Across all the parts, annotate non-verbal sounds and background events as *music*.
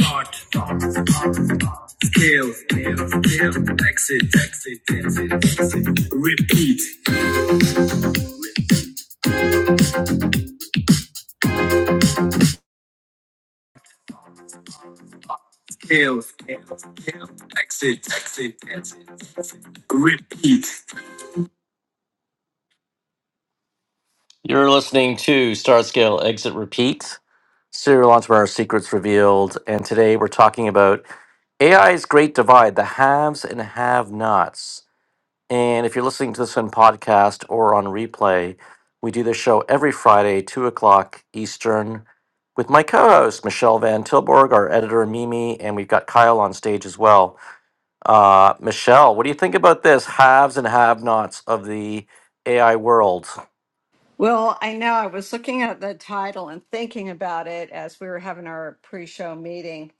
Start, scale, scale, scale, exit, exit, exit, exit, repeat, scale, scale, scale, exit, exit, exit, repeat. You're listening to Start, Scale, Exit, Repeat, Serial Entrepreneur Secrets Revealed, and today we're talking about AI's Great Divide, the haves and have-nots. And if you're listening to this on podcast or on replay, we do this show every Friday, 2 o'clock Eastern, with my co host, Michelle Van Tilburg, our editor, Mimi, and we've got Kyle on stage as well. Uh, Michelle, what do you think about this haves and have nots of the AI world? Well, I know I was looking at the title and thinking about it as we were having our pre show meeting.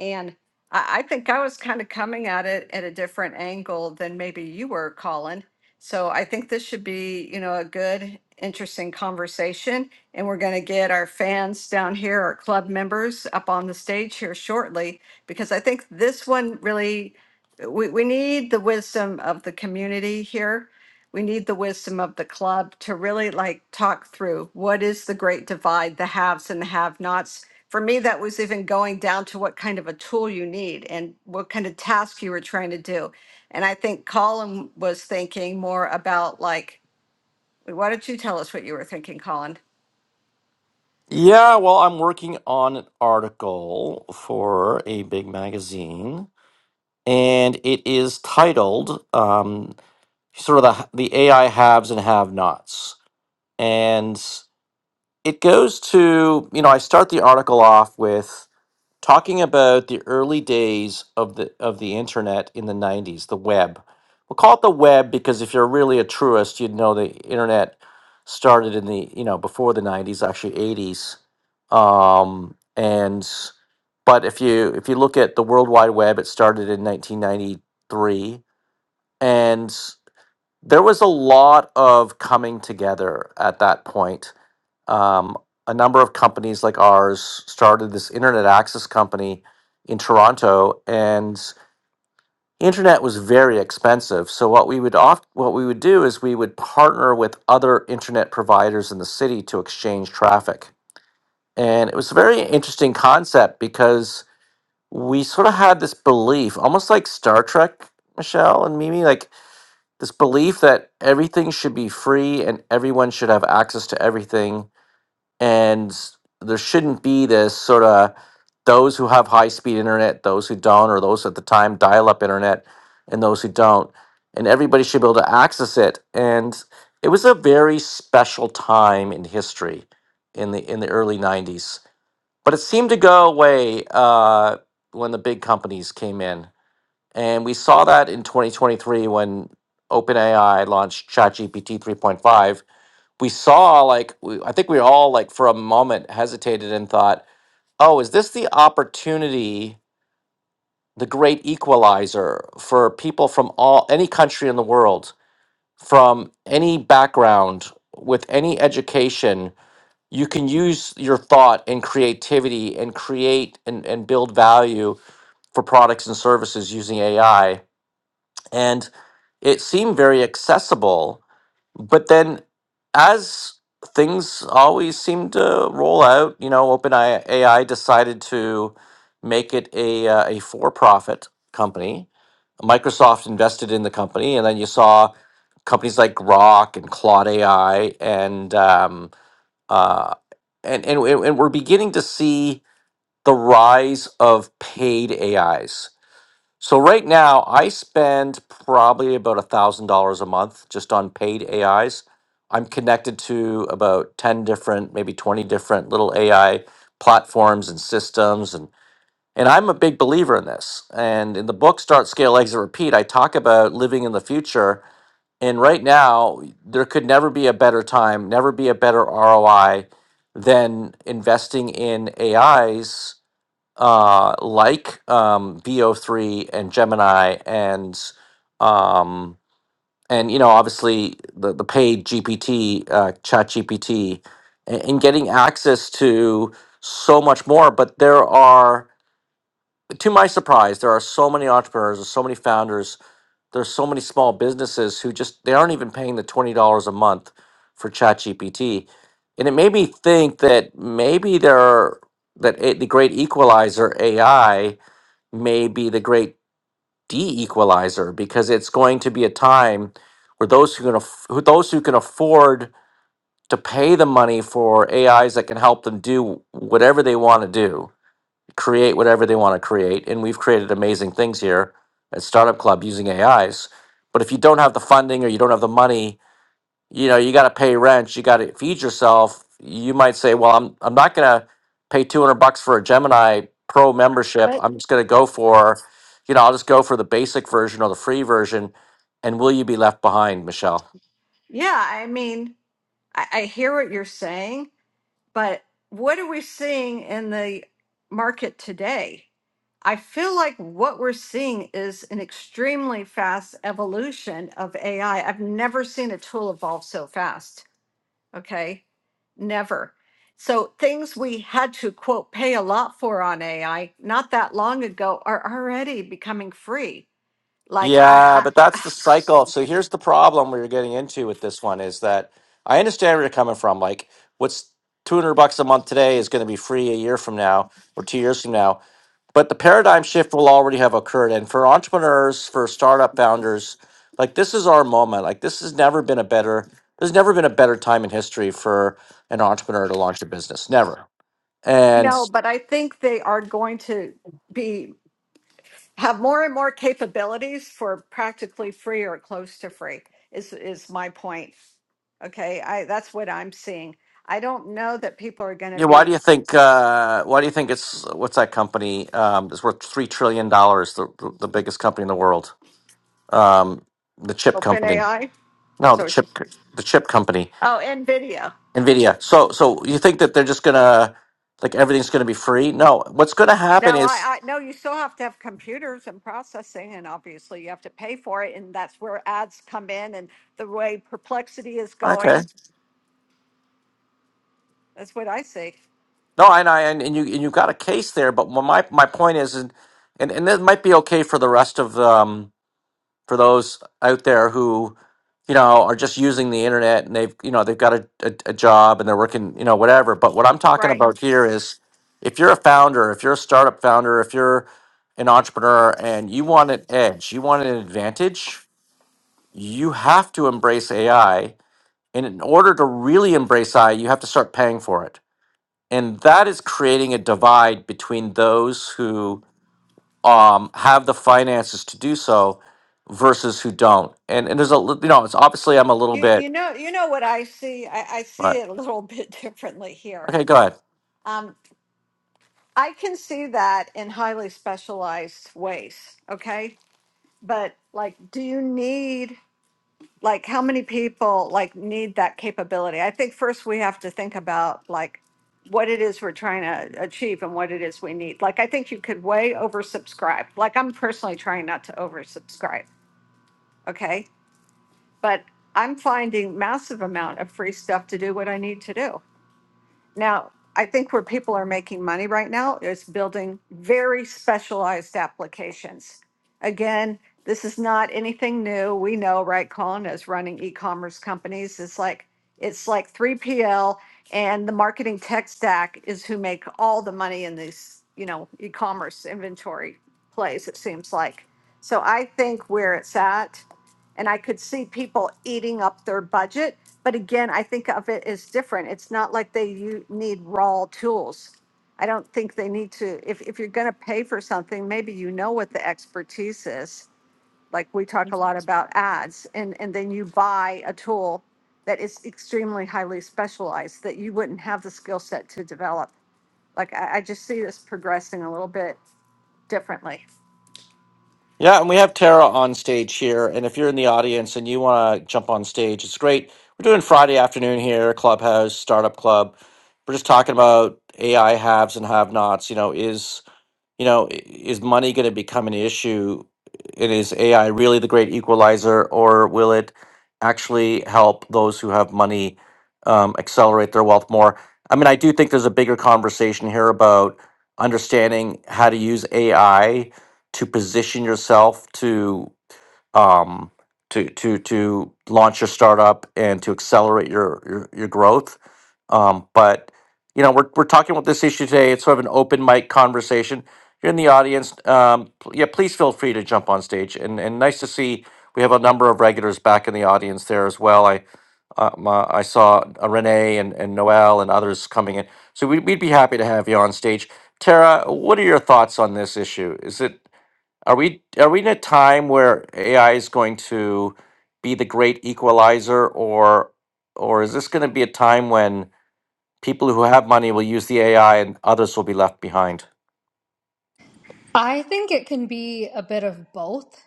And I, I think I was kind of coming at it at a different angle than maybe you were, Colin. So I think this should be, you know, a good, interesting conversation. And we're going to get our fans down here, our club members up on the stage here shortly, because I think this one really, we, we need the wisdom of the community here we need the wisdom of the club to really like talk through what is the great divide, the haves and the have nots. For me, that was even going down to what kind of a tool you need and what kind of task you were trying to do. And I think Colin was thinking more about like, why don't you tell us what you were thinking, Colin? Yeah, well, I'm working on an article for a big magazine, and it is titled um, sort of the, the AI haves and have nots. And it goes to, you know, I start the article off with talking about the early days of the of the internet in the 90s, the web. We'll call it the web because if you're really a truist, you'd know the internet started in the, you know, before the 90s, actually 80s. Um, and but if you if you look at the World Wide Web, it started in 1993 and there was a lot of coming together at that point um, a number of companies like ours started this internet access company in Toronto, and internet was very expensive. So what we would oft, what we would do is we would partner with other internet providers in the city to exchange traffic, and it was a very interesting concept because we sort of had this belief, almost like Star Trek, Michelle and Mimi, like this belief that everything should be free and everyone should have access to everything and there shouldn't be this sort of those who have high speed internet, those who don't, or those at the time dial up internet, and those who don't, and everybody should be able to access it. And it was a very special time in history in the in the early '90s, but it seemed to go away uh, when the big companies came in, and we saw that in 2023 when OpenAI launched ChatGPT 3.5 we saw like we, I think we all like for a moment hesitated and thought, "Oh, is this the opportunity, the great equalizer for people from all any country in the world, from any background, with any education, you can use your thought and creativity and create and, and build value for products and services using AI." And it seemed very accessible but then as things always seem to roll out, you know, OpenAI decided to make it a uh, a for-profit company. Microsoft invested in the company, and then you saw companies like Grok and Claude AI, and um, uh, and and and we're beginning to see the rise of paid AIs so right now, I spend probably about a thousand dollars a month just on paid AIs. I'm connected to about ten different, maybe twenty different little AI platforms and systems, and and I'm a big believer in this. And in the book, Start, Scale, Exit, Repeat, I talk about living in the future. And right now, there could never be a better time, never be a better ROI than investing in AIs uh, like um, VO3 and Gemini and um, and you know obviously the the paid GPT uh, Chat GPT and, and getting access to so much more. But there are, to my surprise, there are so many entrepreneurs, there's so many founders, there's so many small businesses who just they aren't even paying the twenty dollars a month for Chat GPT. And it made me think that maybe there are, that a, the great equalizer AI may be the great de-equalizer because it's going to be a time where those who can aff- who, those who can afford to pay the money for AIs that can help them do whatever they want to do, create whatever they want to create, and we've created amazing things here at Startup Club using AIs. But if you don't have the funding or you don't have the money, you know you got to pay rent you got to feed yourself you might say well i'm i'm not going to pay 200 bucks for a gemini pro membership But i'm just going to go for you know i'll just go for the basic version or the free version and will you be left behind michelle Yeah, I mean, I, I hear what you're saying, But what are we seeing in the market today? I feel like what we're seeing is an extremely fast evolution of AI. I've never seen a tool evolve so fast. Okay. Never. So things we had to quote pay a lot for on AI not that long ago are already becoming free. Like I, yeah I but that's *sighs* the cycle so here's the problem we're getting into with this one is that i understand where you're coming from like what's 200 bucks a month today is going to be free a year from now or two years from now but the paradigm shift will already have occurred and for entrepreneurs for startup founders like this is our moment like this has never been a better there's never been a better time in history for an entrepreneur to launch a business never *laughs* and no, but I think they are going to be. have more and more capabilities for practically free or close to free is is my point okay i that's what i'm seeing i don't know that people are going to yeah why do you be think uh why do you think it's what's that company um is worth three trillion dollars the the biggest company in the world um the chip open company ai no the so it's chip the chip company oh nvidia Nvidia. So so you think that they're just gonna like everything's gonna be free? No. What's gonna happen no is i i no you still have to have computers and processing and obviously you have to pay for it and that's where ads come in and the way perplexity is going okay. that's what i see No, and I and, and you and you got a case there, but my my my point is, and and and it might be okay for the rest of um for those out there who you know are just using the internet and they've you know they've got a, a, a job and they're working you know whatever. But what I'm talking right about here is if you're a founder, if you're a startup founder, if you're an entrepreneur and you want an edge, you want an advantage you have to embrace AI. And in order to really embrace AI, you have to start paying for it. And that is creating a divide between those who um, have the finances to do so versus who don't. And, and there's a, li- you know, it's obviously I'm a little you you bit, know you know what i see i, I see but it a little *laughs* bit differently here okay, go ahead. Um. I can see that in highly specialized ways, okay? But like do you need like how many people like need that capability? I think first we have to think about like what it is we're trying to achieve and what it is we need. Like I think you could way oversubscribe. Like I'm personally trying not to oversubscribe, okay? But I'm finding massive amount of free stuff to do what I need to do. Now, I think where people are making money right now is building very specialized applications. Again, this is not anything new. We know, right, Colin, as running e-commerce companies, it's like it's like 3PL and the marketing tech stack is who make all the money in these, you know, e-commerce inventory plays, it seems like. So I think where it's at and I could see people eating up their budget. But again, I think of it as different. It's not like they you need raw tools. I don't think they need to. If if you're going to pay for something, maybe you know what the expertise is. Like we talk a lot about ads, and and then you buy a tool that is extremely highly specialized that you wouldn't have the skill set to develop. Like I, I just see this progressing a little bit differently. Yeah, and we have Tara on stage here. And if you're in the audience and you want to jump on stage, it's great. We're doing Friday afternoon here, Clubhouse, Startup Club. We're just talking about AI haves and have nots. You know, is you know, i- is money going to become an issue? And is AI really the great equalizer, or will it actually help those who have money um, accelerate their wealth more? I mean, I do think there's a bigger conversation here about understanding how to use AI to position yourself to um, to to to launch your startup and to accelerate your your, your growth. Um, but you know, we're we're talking about this issue today. It's sort of an open mic conversation. You're in the audience. Um, pl- yeah, please feel free to jump on stage. And and nice to see we have a number of regulars back in the audience there as well. I. Um, uh, I saw uh, Renee and, and Noel and others coming in. So we'd, we'd be happy to have you on stage. Tara, what are your thoughts on this issue? Is it are we are we in a time where AI is going to be the great equalizer, or or is this going to be a time when people who have money will use the AI and others will be left behind? I think it can be a bit of both.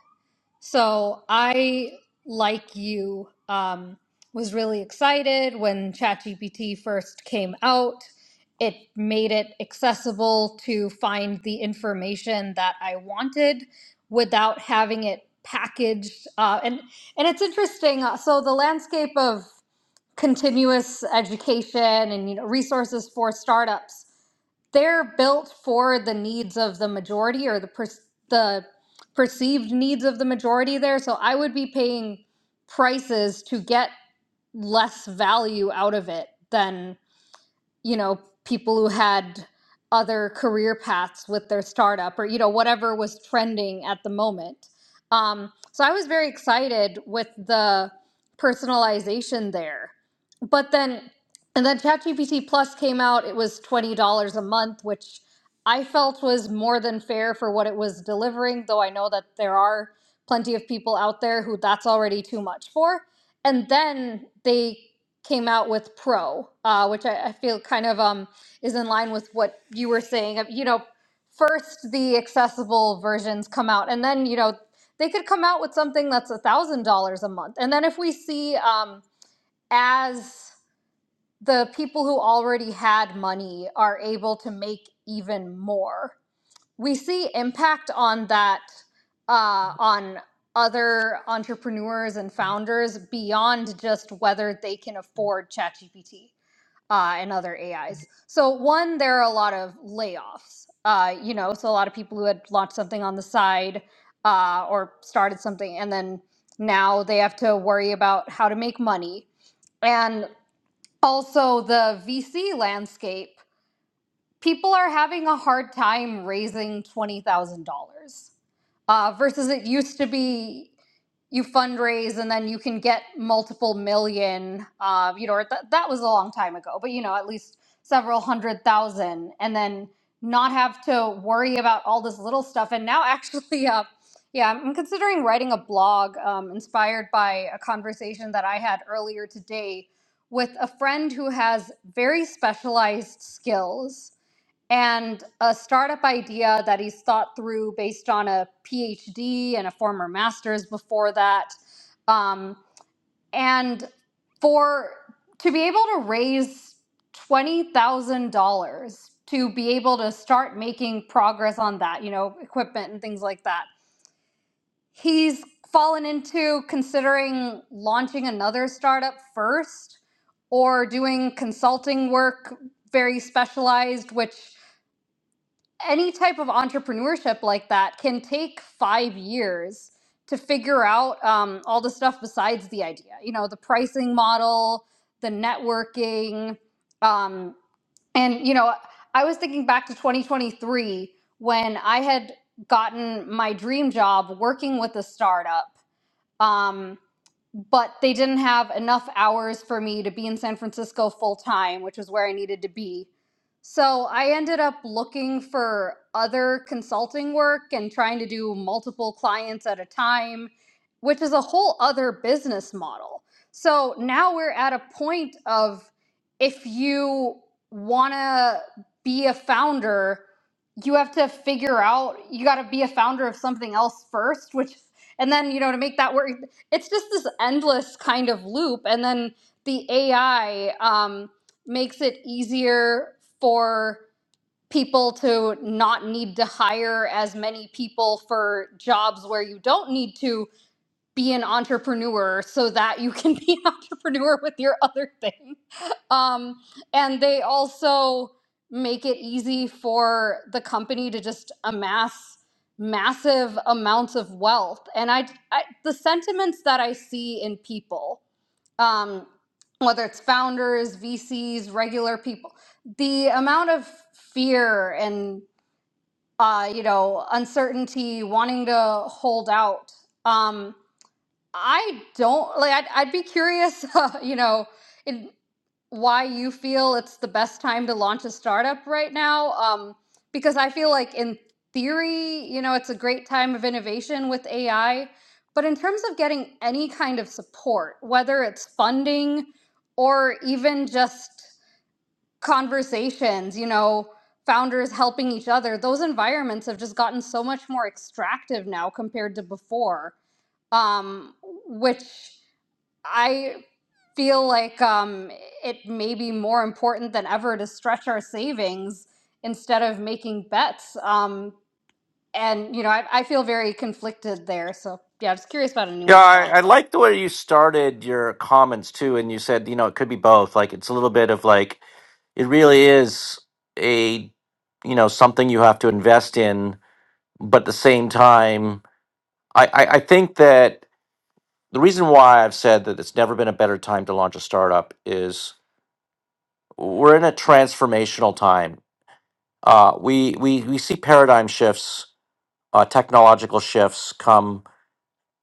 So I, like you, um, was really excited when ChatGPT first came out. It made it accessible to find the information that I wanted without having it packaged. Uh, and and it's interesting. uh, So the landscape of continuous education and you know resources for startups they're built for the needs of the majority or the per- the perceived needs of the majority there so i would be paying prices to get less value out of it than you know, people who had other career paths with their startup or, you know, whatever was trending at the moment. Um, so I was very excited with the personalization there. But then, and then ChatGPT Plus came out, it was $20 a month, which I felt was more than fair for what it was delivering, though I know that there are plenty of people out there who that's already too much for. And then they came out with Pro, uh, which I, I feel kind of um, is in line with what you were saying. Uh, You know, first the accessible versions come out, and then you know they could come out with something that's a thousand dollars a month, and then if we see um, as the people who already had money are able to make even more, we see impact on that uh, on other entrepreneurs and founders beyond just whether they can afford ChatGPT uh, and other AIs. So one, there are a lot of layoffs. Uh, you know, so a lot of people who had launched something on the side uh, or started something, and then now they have to worry about how to make money. And also the VC landscape people are having a hard time raising $20,000 uh, versus it used to be you fundraise and then you can get multiple million, uh, you know, or th- that was a long time ago, but you know, at least several hundred thousand and then not have to worry about all this little stuff. And now *laughs* actually, uh, yeah, I'm considering writing a blog um, inspired by a conversation that I had earlier today with a friend who has very specialized skills and a startup idea that he's thought through based on a PhD and a former master's before that. Um, and for to be able to raise $20,000 to be able to start making progress on that, you know, equipment and things like that, he's fallen into considering launching another startup first or doing consulting work very specialized, which any type of entrepreneurship like that can take five years to figure out um, all the stuff besides the idea you know the pricing model the networking um, and you know i was thinking back to 2023 when i had gotten my dream job working with a startup Um, but they didn't have enough hours for me to be in San Francisco full time, which was where I needed to be. So I ended up looking for other consulting work and trying to do multiple clients at a time, which is a whole other business model. So now we're at a point of if you want to be a founder, you have to figure out you got to be a founder of something else first, which and then you know to make that work it's just this endless kind of loop and then the ai um, makes it easier for people to not need to hire as many people for jobs where you don't need to be an entrepreneur so that you can *laughs* be an entrepreneur with your other things um, and they also make it easy for the company to just amass massive amounts of wealth. And I, I the sentiments that I see in people, um, whether it's founders, VCs, regular people, the amount of fear and uh, you know uncertainty, wanting to hold out. Um, I don't like. I'd, I'd be curious, *laughs* you know. in why you feel it's the best time to launch a startup right now um, because i feel like in theory you know it's a great time of innovation with ai but in terms of getting any kind of support whether it's funding or even just conversations you know founders helping each other those environments have just gotten so much more extractive now compared to before um, which I feel like um, it may be more important than ever to stretch our savings instead of making bets. Um, and, you know, I, I feel very conflicted there. So, yeah, I'm just curious about Yeah, anyone's I, thoughts. I like the way you started your comments too, and you said you know it could be both. Like it's a little bit of like it really is a you know something you have to invest in, but at the same time, I I, I think that the reason why I've said that it's never been a better time to launch a startup is we're in a transformational time. Uh, we we we see paradigm shifts, uh, technological shifts come.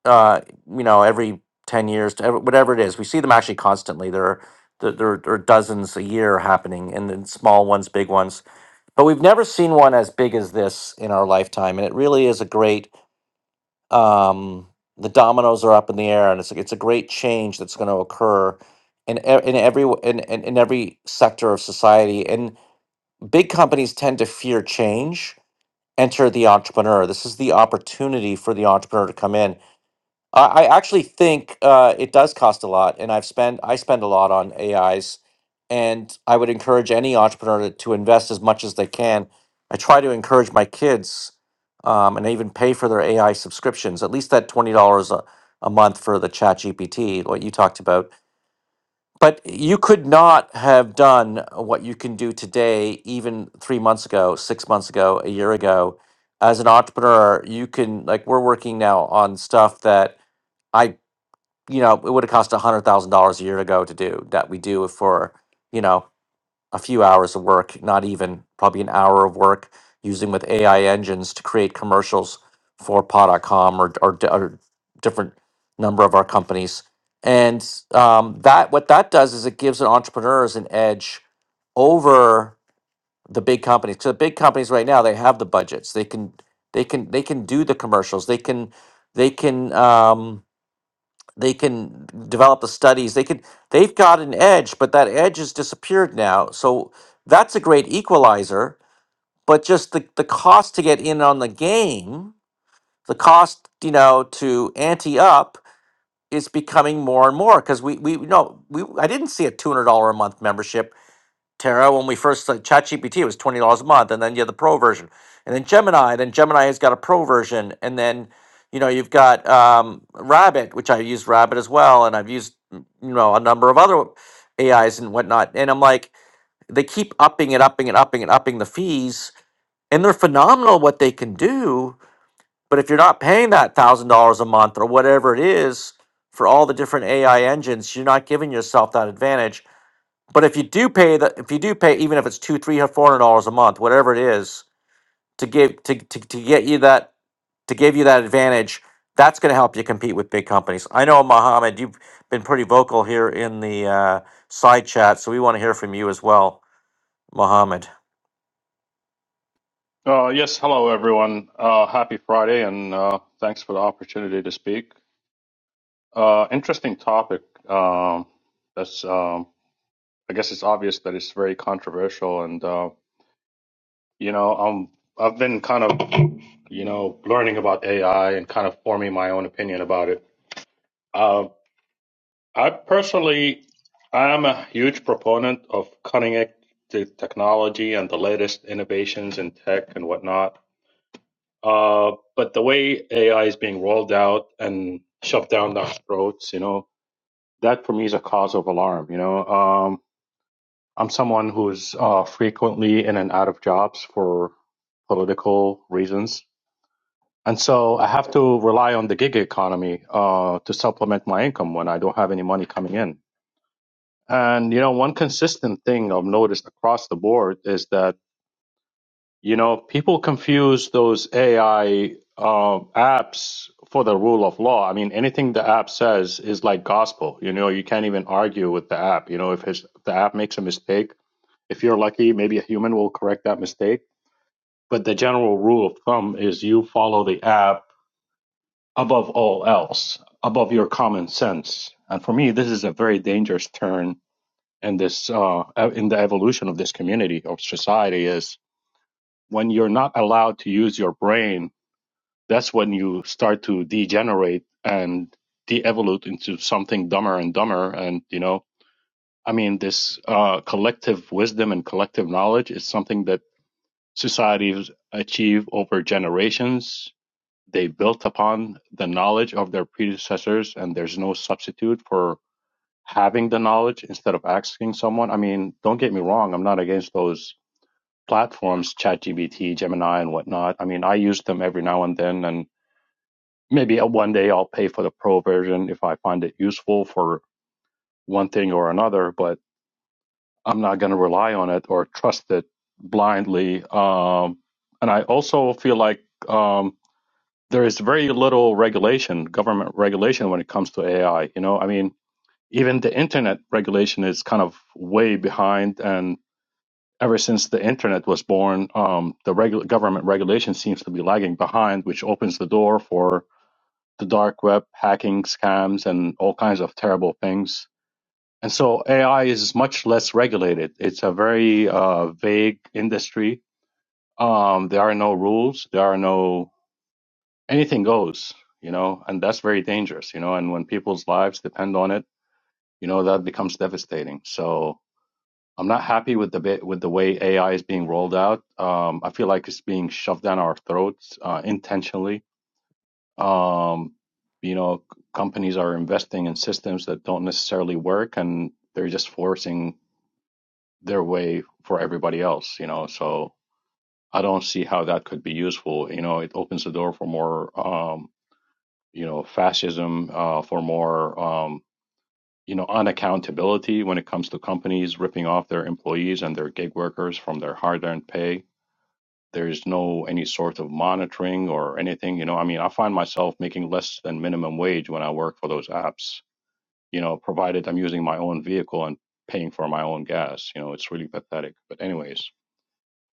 Uh, you know, every ten years, to every, whatever it is, we see them actually constantly. There are there, there are dozens a year happening, and then small ones, big ones. But we've never seen one as big as this in our lifetime, and it really is a great um, the dominoes are up in the air, and it's it's a great change that's going to occur in e- in every w- in, in in every sector of society. And big companies tend to fear change. Enter the entrepreneur. This is the opportunity for the entrepreneur to come in I I actually think uh, it does cost a lot, and I've spent I spend a lot on AIs, and I would encourage any entrepreneur to, to invest as much as they can. I try to encourage my kids, um, and I even pay for their AI subscriptions, at least that twenty dollars a a month for the Chat GPT, what you talked about. But you could not have done what you can do today, even three months ago, six months ago, a year ago. As an entrepreneur, you can like we're working now on stuff that. I you know, it would have cost a hundred thousand dollars a year to go to do that we do it for, you know, a few hours of work, not even probably an hour of work using with AI engines to create commercials for pod.com or, or, d- or different number of our companies. And um, that what that does is it gives an entrepreneurs an edge over the big companies. So the big companies right now, they have the budgets. They can they can they can do the commercials. They can they can um, they can develop the studies they could they've got an edge but that edge has disappeared now so that's a great equalizer but just the, the cost to get in on the game the cost you know to ante up is becoming more and more because we we know we i didn't see a $200 a month membership Terra, when we first like ChatGPT, it was twenty dollars a month, and then you have the pro version, and then Gemini. Then Gemini has got a pro version, and then you know you've got um, Rabbit, which I use Rabbit as well, and I've used mm, you know a number of other AIs and whatnot. And I'm like, they keep upping and upping and upping and upping the fees, and they're phenomenal what they can do. But if you're not paying that thousand dollars a month or whatever it is for all the different AI engines, you're not giving yourself that advantage but if you do pay the, if you do pay, even if it's two, three, or four hundred dollars a month, whatever it is, to give to, to to get you that to give you that advantage, that's going to help you compete with big companies. I know Mohammed, you've been pretty vocal here in the uh, side chat, so we want to hear from you as well, Mohammed. Uh, yes, hello everyone. Uh, happy Friday, and uh, thanks for the opportunity to speak. Uh, interesting topic. Um, that's um, I guess it's obvious that it's very controversial, and uh, you know, um, I've been kind of you know learning about AI and kind of forming my own opinion about it. Uh, I personally, I am a huge proponent of cutting edge te- technology and the latest innovations in tech and whatnot Uh, but the way AI is being rolled out and shoved down our throats, you know, that for me is a cause of alarm. You know, um, I'm someone who's uh, frequently in and out of jobs for political reasons. And so I have to rely on the gig economy uh, to supplement my income when I don't have any money coming in. And, you know, one consistent thing I've noticed across the board is that You know, people confuse those AI uh, apps for the rule of law. I mean, anything the app says is like gospel. You know, you can't even argue with the app. You know, if his, the app makes a mistake, if you're lucky, maybe a human will correct that mistake. But the general rule of thumb is you follow the app above all else, above your common sense. And for me, this is a very dangerous turn in this uh, in the evolution of this community of society is when you're not allowed to use your brain that's when you start to degenerate and de-evolute into something dumber and dumber and you know i mean this uh, collective wisdom and collective knowledge is something that societies achieve over generations they built upon the knowledge of their predecessors and there's no substitute for having the knowledge instead of asking someone i mean don't get me wrong i'm not against those platforms chatgpt gemini and whatnot i mean i use them every now and then and maybe one day I'll pay for the pro version if I find it useful for one thing or another, but I'm not going to rely on it or trust it blindly. Um, and I also feel like um, there is very little regulation, government regulation, when it comes to AI. You know, I mean, even the internet regulation is kind of way behind, and ever since the internet was born, um, the regu- government regulation seems to be lagging behind, which opens the door for the dark web, hacking scams, and all kinds of terrible things. And so AI is much less regulated. It's a very uh, vague industry. Um, there are no rules. There are no anything goes. You know, and that's very dangerous. You know, and when people's lives depend on it, you know that becomes devastating. So I'm not happy with the bit with the way AI is being rolled out. Um, I feel like it's being shoved down our throats uh, intentionally Um, you know, c- companies are investing in systems that don't necessarily work, and they're just forcing their way for everybody else. You know, so I don't see how that could be useful. You know, it opens the door for more, um, you know, fascism, uh, for more, um, you know, unaccountability when it comes to companies ripping off their employees and their gig workers from their hard-earned pay there's no any sort of monitoring or anything you know i mean i find myself making less than minimum wage when i work for those apps you know provided i'm using my own vehicle and paying for my own gas you know it's really pathetic but anyways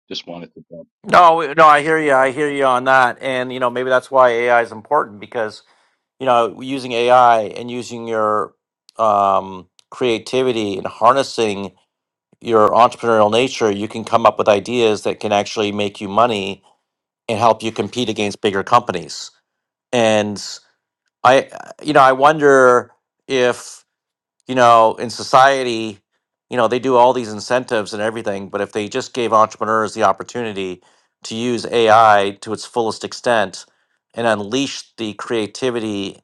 just wanted to No, we- no, I hear you. I hear you on that, and you know maybe that's why AI is important because you know using AI and using your um, creativity and harnessing your entrepreneurial nature, you can come up with ideas that can actually make you money and help you compete against bigger companies. And I, you know, I wonder if you know, in society, you know, they do all these incentives and everything, but if they just gave entrepreneurs the opportunity to use AI to its fullest extent and unleash the creativity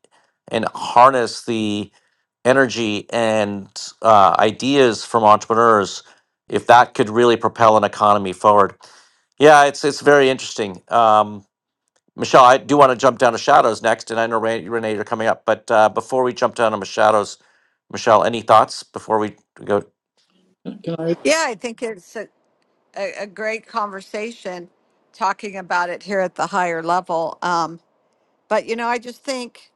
and harness the energy and uh, ideas from entrepreneurs, if that could really propel an economy forward. Yeah, it's it's very interesting. Um, Michelle, I do want to jump down to shadows next, and I know Ren- Renee, you're coming up, but uh, before we jump down to shadows, Michelle, any thoughts before we go? Can I? Yeah, I think it's a, a, a great conversation talking about it here at the higher level. Um, but you know, I just think,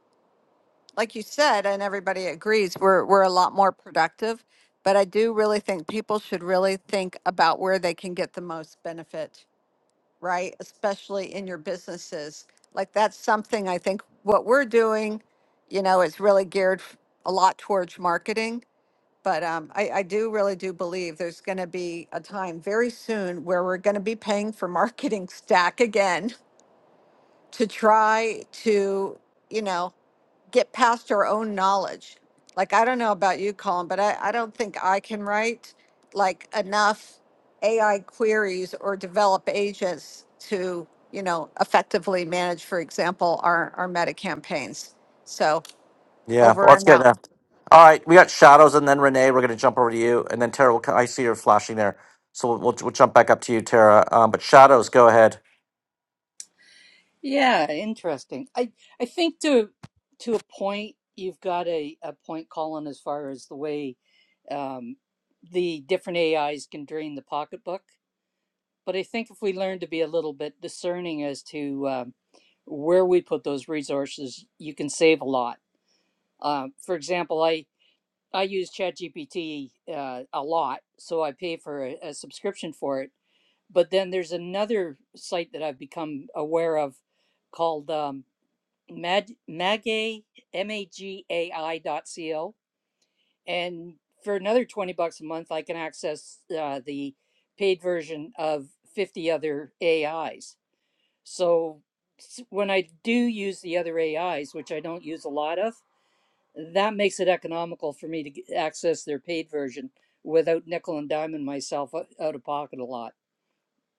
like you said, and everybody agrees, we're we're a lot more productive. But I do really think people should really think about where they can get the most benefit, right? Especially in your businesses. Like that's something I think what we're doing, you know, is really geared f- a lot towards marketing but um, I, I do really do believe there's going to be a time very soon where we're going to be paying for marketing stack again to try to, you know, get past our own knowledge. Like, I don't know about you, Colin, but I, I don't think I can write like enough AI queries or develop agents to, you know, effectively manage, for example, our, our meta campaigns. So Yeah, well, over let's and get out. that. All right, we got shadows, and then Renee, we're going to jump over to you, and then Tara. Will, co- I see her flashing there, so we'll, we'll we'll jump back up to you, Tara. Um, but shadows, go ahead. Yeah, interesting. I I think to to a point you've got a, a point, Colin, as far as the way um, the different AIs can drain the pocketbook. But I think if we learn to be a little bit discerning as to um, where we put those resources, you can save a lot. Um, for example, I I use ChatGPT uh, a lot, so I pay for a, a subscription for it. But then there's another site that I've become aware of called. Um, magai, M-A-G-A-I dot C-O. And for another 20 bucks a month, I can access uh, the paid version of 50 other AIs. So when I do use the other AIs, which I don't use a lot of, that makes it economical for me to access their paid version without nickel and diming myself out of pocket a lot.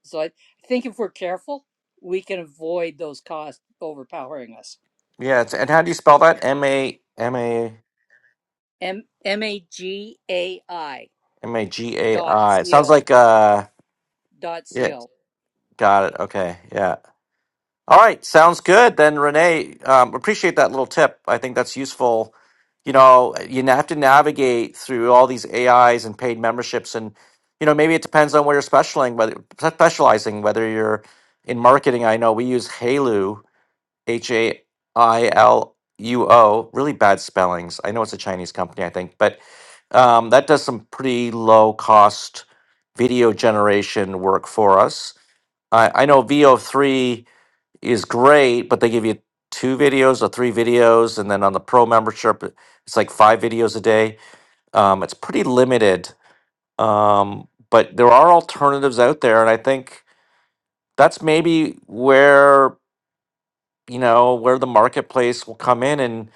So I think if we're careful, we can avoid those costs overpowering us. Yeah, it's, and how do you spell that? M A M A M M A G A I M A G A dot I. It C sounds O like uh, dot C yeah, O. got it. Okay, yeah. All right, sounds good. Then Renee, um, appreciate that little tip. I think that's useful. You know, you have to navigate through all these AIs and paid memberships, and you know, maybe it depends on where you're specializing. Whether specializing, whether you're in marketing, I know we use Hailu, H A I L U O. Really bad spellings. I know it's a Chinese company, I think, but um, that does some pretty low cost video generation work for us. I, I know VO3 is great, but they give you two videos or three videos, and then on the pro membership, it's like five videos a day. Um, it's pretty limited, um, but there are alternatives out there, and I think that's maybe where you know where the marketplace will come in and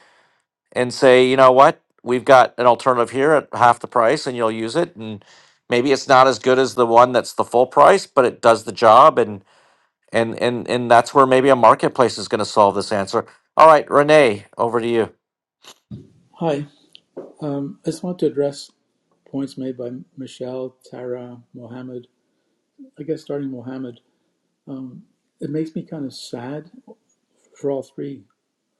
and say, you know what, we've got an alternative here at half the price, and you'll use it, and maybe it's not as good as the one that's the full price, but it does the job, and. and and and that's where maybe a marketplace is going to solve this answer all right renee over to you Hi. Um, I just want to address points made by Michelle, Tara, Mohammed. I guess starting Mohammed, it makes me kind of sad for all three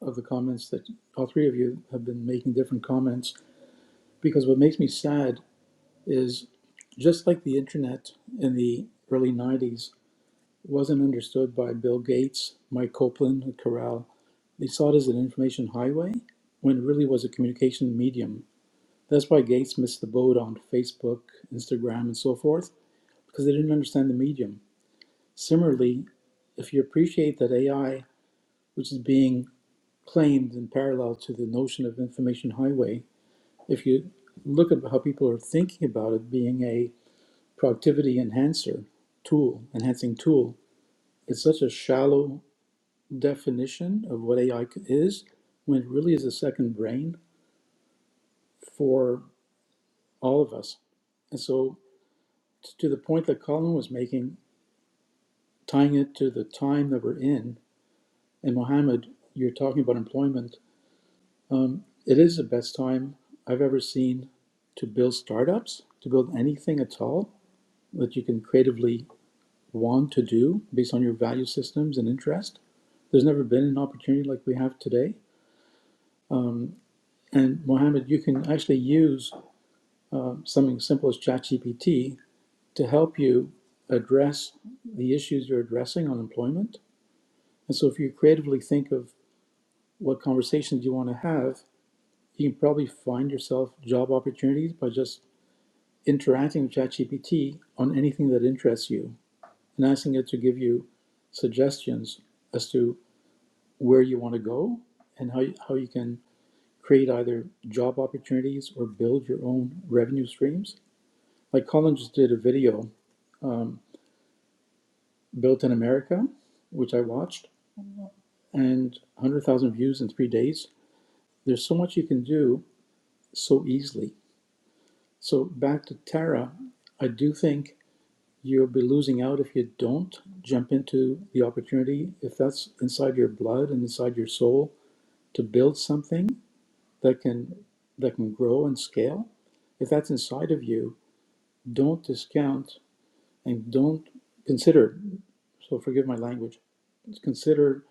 of the comments that all three of you have been making different comments because what makes me sad is just like the internet in the early 90s wasn't understood by Bill Gates, Mike Copeland, Corral, they saw it as an information highway when it really was a communication medium That's why Gates missed the boat on Facebook, Instagram, and so forth, because they didn't understand the medium. Similarly, if you appreciate that AI, which is being claimed in parallel to the notion of information highway, if you look at how people are thinking about it being a productivity enhancer tool, enhancing tool, it's such a shallow definition of what AI is when it really is a second brain for all of us. And so, t- to the point that Colin was making, tying it to the time that we're in, and Mohammed, you're talking about employment. Um, it is the best time I've ever seen to build startups, to build anything at all that you can creatively want to do based on your value systems and interest. There's never been an opportunity like we have today. Um, and Mohammed, you can actually use uh, something simple as ChatGPT to help you address the issues you're addressing on employment. And so if you creatively think of what conversations you want to have, you can probably find yourself job opportunities by just interacting with ChatGPT on anything that interests you and asking it to give you suggestions as to where you want to go and how you, how you can create either job opportunities or build your own revenue streams. Like Colin just did a video, um, Built in America, which I watched, and 100,000 views in three days. There's so much you can do so easily So back to Tara, I do think you'll be losing out if you don't jump into the opportunity. If that's inside your blood and inside your soul to build something that can that can grow and scale, if that's inside of you, don't discount and don't consider. So forgive my language. Consider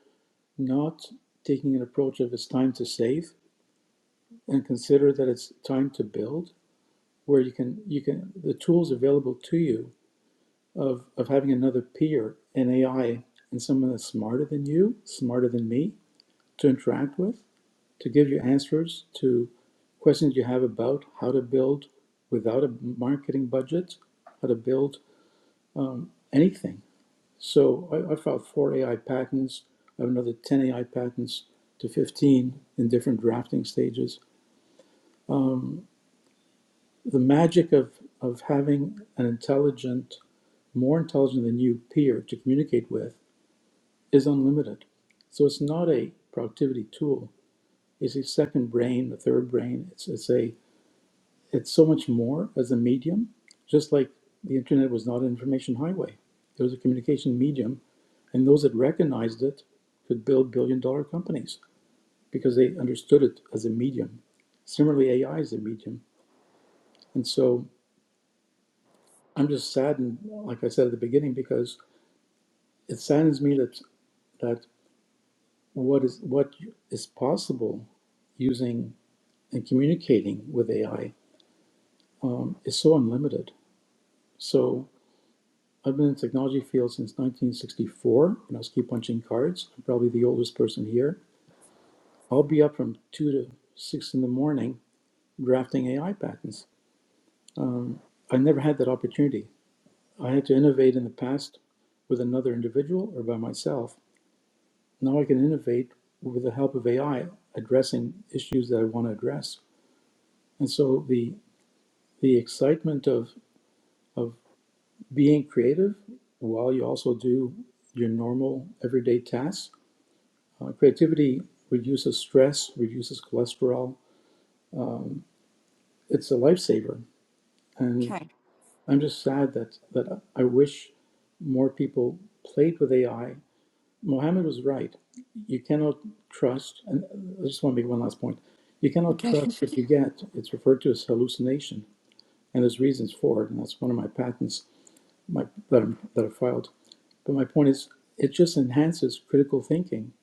not taking an approach of it's time to save, and consider that it's time to build, where you can you can the tools available to you of of having another peer in AI and someone that's smarter than you, smarter than me, to interact with, to give you answers to questions you have about how to build without a marketing budget, how to build anything. So I, I filed four AI patents. I have another 10 AI patents to 15 in different drafting stages. The magic of, of having an intelligent, more intelligent than you peer to communicate with is unlimited. So it's not a productivity tool. It's a second brain, a third brain. It's, it's a it's so much more as a medium. Just like the internet was not an information highway, it was a communication medium, and those that recognized it could build billion dollar companies because they understood it as a medium. Similarly, AI is a medium, and so I'm just saddened, like I said at the beginning, because it saddens me that that what is what is possible using and communicating with AI um, is so unlimited. So I've been in the technology field since 1964, and I was keep punching cards. I'm probably the oldest person here. I'll be up from two to six in the morning drafting AI patents. I never had that opportunity. I had to innovate in the past with another individual or by myself. Now I can innovate with the help of AI, addressing issues that I want to address. And so the the excitement of of being creative while you also do your normal everyday tasks. Uh, creativity reduces stress, reduces cholesterol. It's a lifesaver. And Okay. I'm just sad that, that I wish more people played with AI. Mohammed was right. You cannot trust, and I just want to make one last point. You cannot Okay. trust what *laughs* you get. It's referred to as hallucination, and there's reasons for it, and that's one of my patents my, that, I'm, that I filed But my point is, it just enhances critical thinking.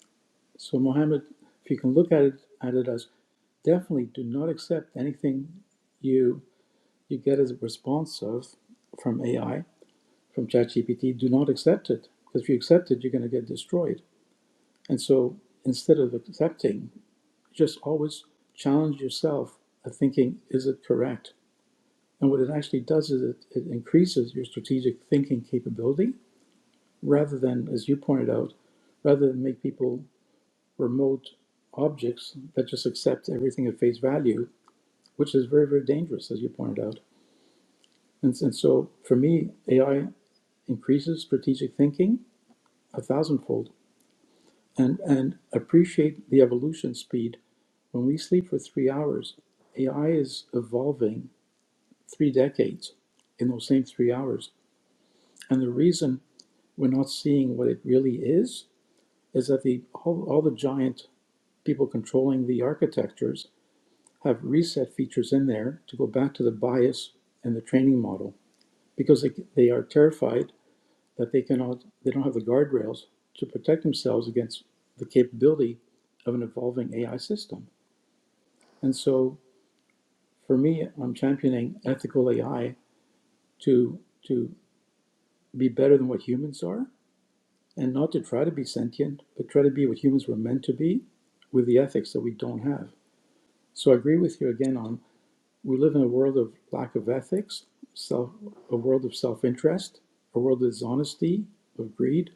So, Mohammed, if you can look at it at it as definitely do not accept anything you you get as a response of from AI, from ChatGPT. Do not accept it because if you accept it, you're going to get destroyed. And so, instead of accepting, just always challenge yourself at thinking, is it correct? And what it actually does is it, it increases your strategic thinking capability rather than, as you pointed out, rather than make people remote objects that just accept everything at face value, which is very, very dangerous, as you pointed out. And, and so for me, AI increases strategic thinking a thousandfold and, and appreciate the evolution speed. When we sleep for three hours, AI is evolving three decades in those same three hours. And the reason we're not seeing what it really is is that the all, all the giant people controlling the architectures have reset features in there to go back to the bias and the training model because they, they are terrified that they cannot they don't have the guardrails to protect themselves against the capability of an evolving AI system. And so for me, I'm championing ethical AI to to be better than what humans are and not to try to be sentient, but try to be what humans were meant to be with the ethics that we don't have. So I agree with you again on We live in a world of lack of ethics, self, a world of self interest, a world of dishonesty, of greed.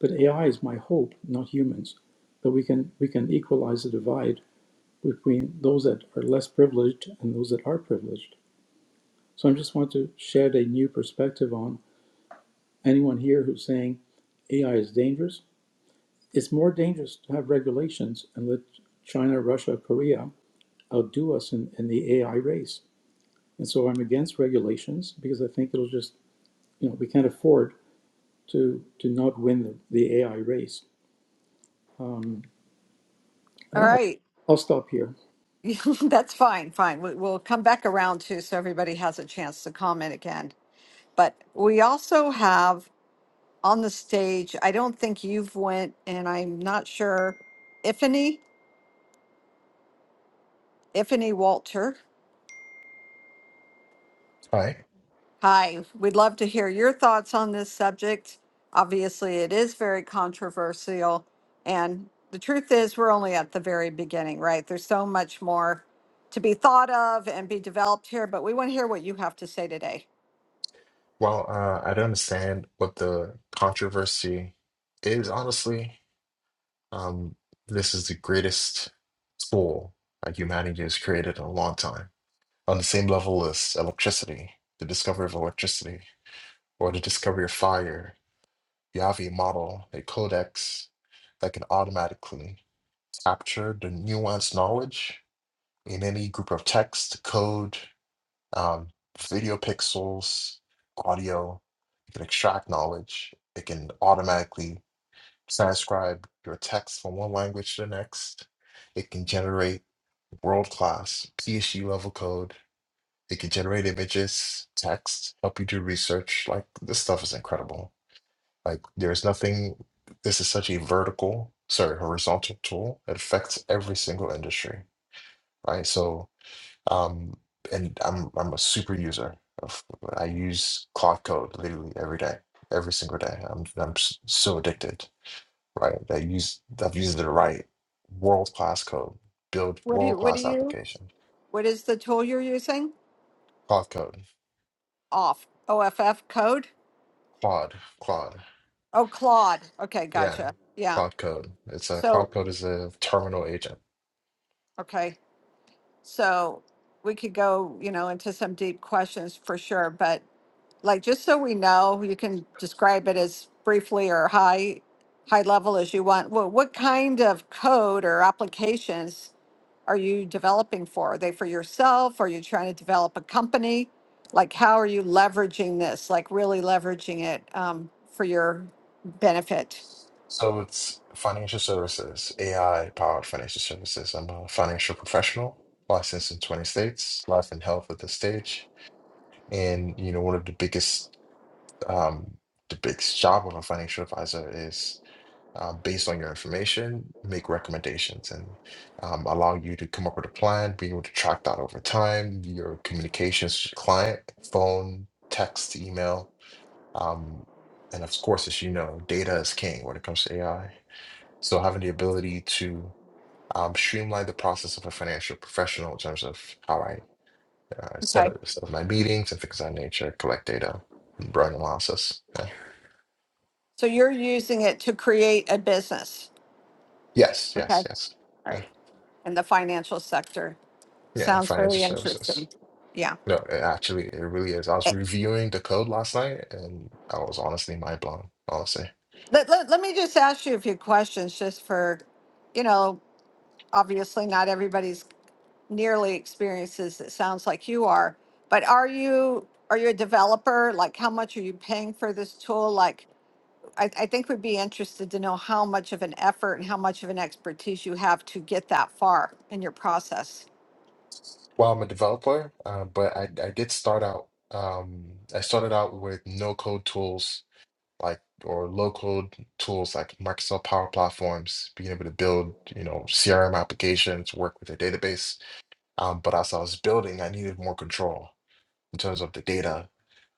But AI is my hope, not humans, that we can, we can equalize the divide between those that are less privileged and those that are privileged. So I just want to shed a new perspective on anyone here who's saying AI is dangerous. It's more dangerous to have regulations and let China, Russia, Korea outdo us in, in the AI race. And so I'm against regulations because I think it'll just you know, we can't afford to to not win the, the AI race. Um, All I'll, right. I'll stop here. *laughs* That's fine, fine. We- We'll come back around too, so everybody has a chance to comment again. But we also have on the stage, I don't think you've went, and I'm not sure, Ifany, Ifany Walter. Hi. Hi, we'd love to hear your thoughts on this subject. Obviously, it is very controversial, and the truth is, we're only at the very beginning, right? There's so much more to be thought of and be developed here, but we want to hear what you have to say today. Well, uh, I don't understand what the controversy is, honestly. Um, this is the greatest tool that humanity has created in a long time, on the same level as electricity, the discovery of electricity, or the discovery of fire. You have a model, a codex that can automatically capture the nuanced knowledge in any group of text, code. um, video pixels, audio. It can extract knowledge. It can automatically transcribe your text from one language to the next. It can generate world class PhD level code. It can generate images, text, help you do research. Like this stuff is incredible. Like there's nothing. This is such a vertical, sorry, horizontal tool. It affects every single industry, right? So um, and I'm I'm a super user of I use Cloud Code literally every day, every single day. I'm I'm s- so addicted, right? I use I've used it to write world class code, build What do world you, what do class you? application. What is the tool you're using? Cloud Code, Off. OFF code? Claude, Claude, Oh, Claude. Okay, yeah, gotcha. Yeah. Cloud Code. It's a So, Cloud Code is a terminal agent. okay. So we could go, you know, into some deep questions for sure, but like just so we know, you can describe it as briefly or high high level as you want. Well, what kind of code or applications are you developing for? Are they for yourself? Are you trying to develop a company? Like how are you leveraging this? Like really leveraging it um, for your benefit? So it's financial services, AI powered financial services. I'm a financial professional, licensed in 20 states, life and health at this stage And you know, one of the biggest um, the biggest job of a financial advisor is uh, based on your information, make recommendations and um, allow you to come up with a plan, being able to track that over time, your communications to your client, phone, text, email. Um, and of course, as you know, data is king when it comes to AI. So having the ability to um, streamline the process of a financial professional in terms of how I uh, set, Okay. up, set up my meetings and things of that nature, collect data, run analysis. Uh, So you're using it to create a business, yes, yes, yes. Uh, right? In the financial sector. yeah, Sounds very financial services. yeah. No, it actually, it really is. I was reviewing the code last night and I was honestly mind blown, honestly. Let, let, let me just ask you a few questions just for, you know, obviously not everybody's nearly experiences it sounds like you are, but are you are you a developer? Like how much are you paying for this tool? Like I, I think we'd be interested to know how much of an effort and how much of an expertise you have to get that far in your process. Well, I'm a developer, uh, but I, I did start out, um, I started out with no code tools like or low code tools like Microsoft Power Platforms, being able to build, you know, CRM applications, work with a database Um, but as I was building, I needed more control in terms of the data.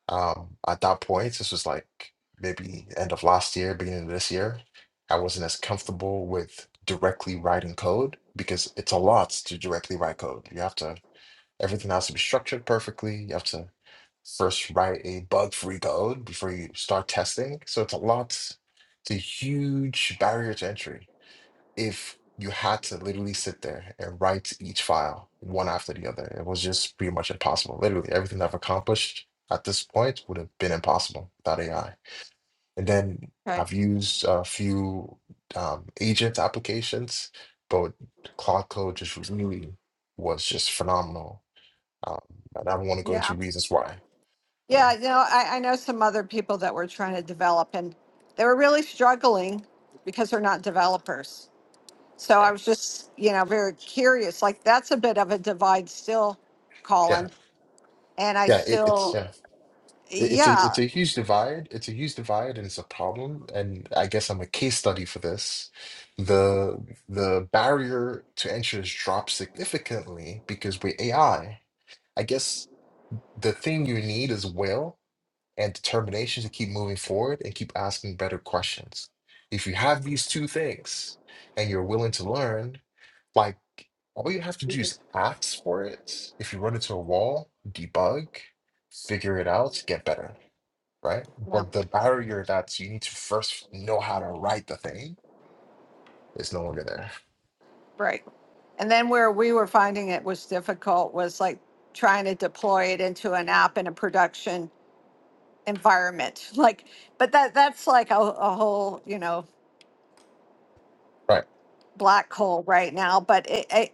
Um, at that point, this was like maybe end of last year, beginning of this year, I wasn't as comfortable with directly writing code because it's a lot to directly write code. You have to, everything has to be structured perfectly. You have to first write a bug-free code before you start testing. So it's a lot, it's a huge barrier to entry if you had to literally sit there and write each file one after the other. It was just pretty much impossible. Literally, everything I've accomplished at this point would have been impossible without AI. And then Okay. I've used a few um, agent applications, but Cloud Code just really was just phenomenal. Um, and I don't want to go Yeah. into reasons why. Uh, Yeah, you know, I, I know some other people that were trying to develop and they were really struggling because they're not developers So I right? was just, you know, very curious. Like that's a bit of a divide still, Yeah, Colin. And I yeah. It, it's still, yeah. It- It's a yeah, it's a huge divide. It's a huge divide, and it's a problem. And I guess I'm a case study for this. The the barrier to entry has dropped significantly because with AI, I I guess the thing you need is will and determination to keep moving forward and keep asking better questions. If you have these two things and you're willing to learn, like all you have to do is ask for it. If you run into a wall, debug, figure it out, get better right? yeah, But the barrier that you need to first know how to write the thing is no longer there, right. And then where we were finding it was difficult was like trying to deploy it into an app in a production environment. *laughs* Like, but that that's like a, a whole, you know, right? black coal right now, but it, it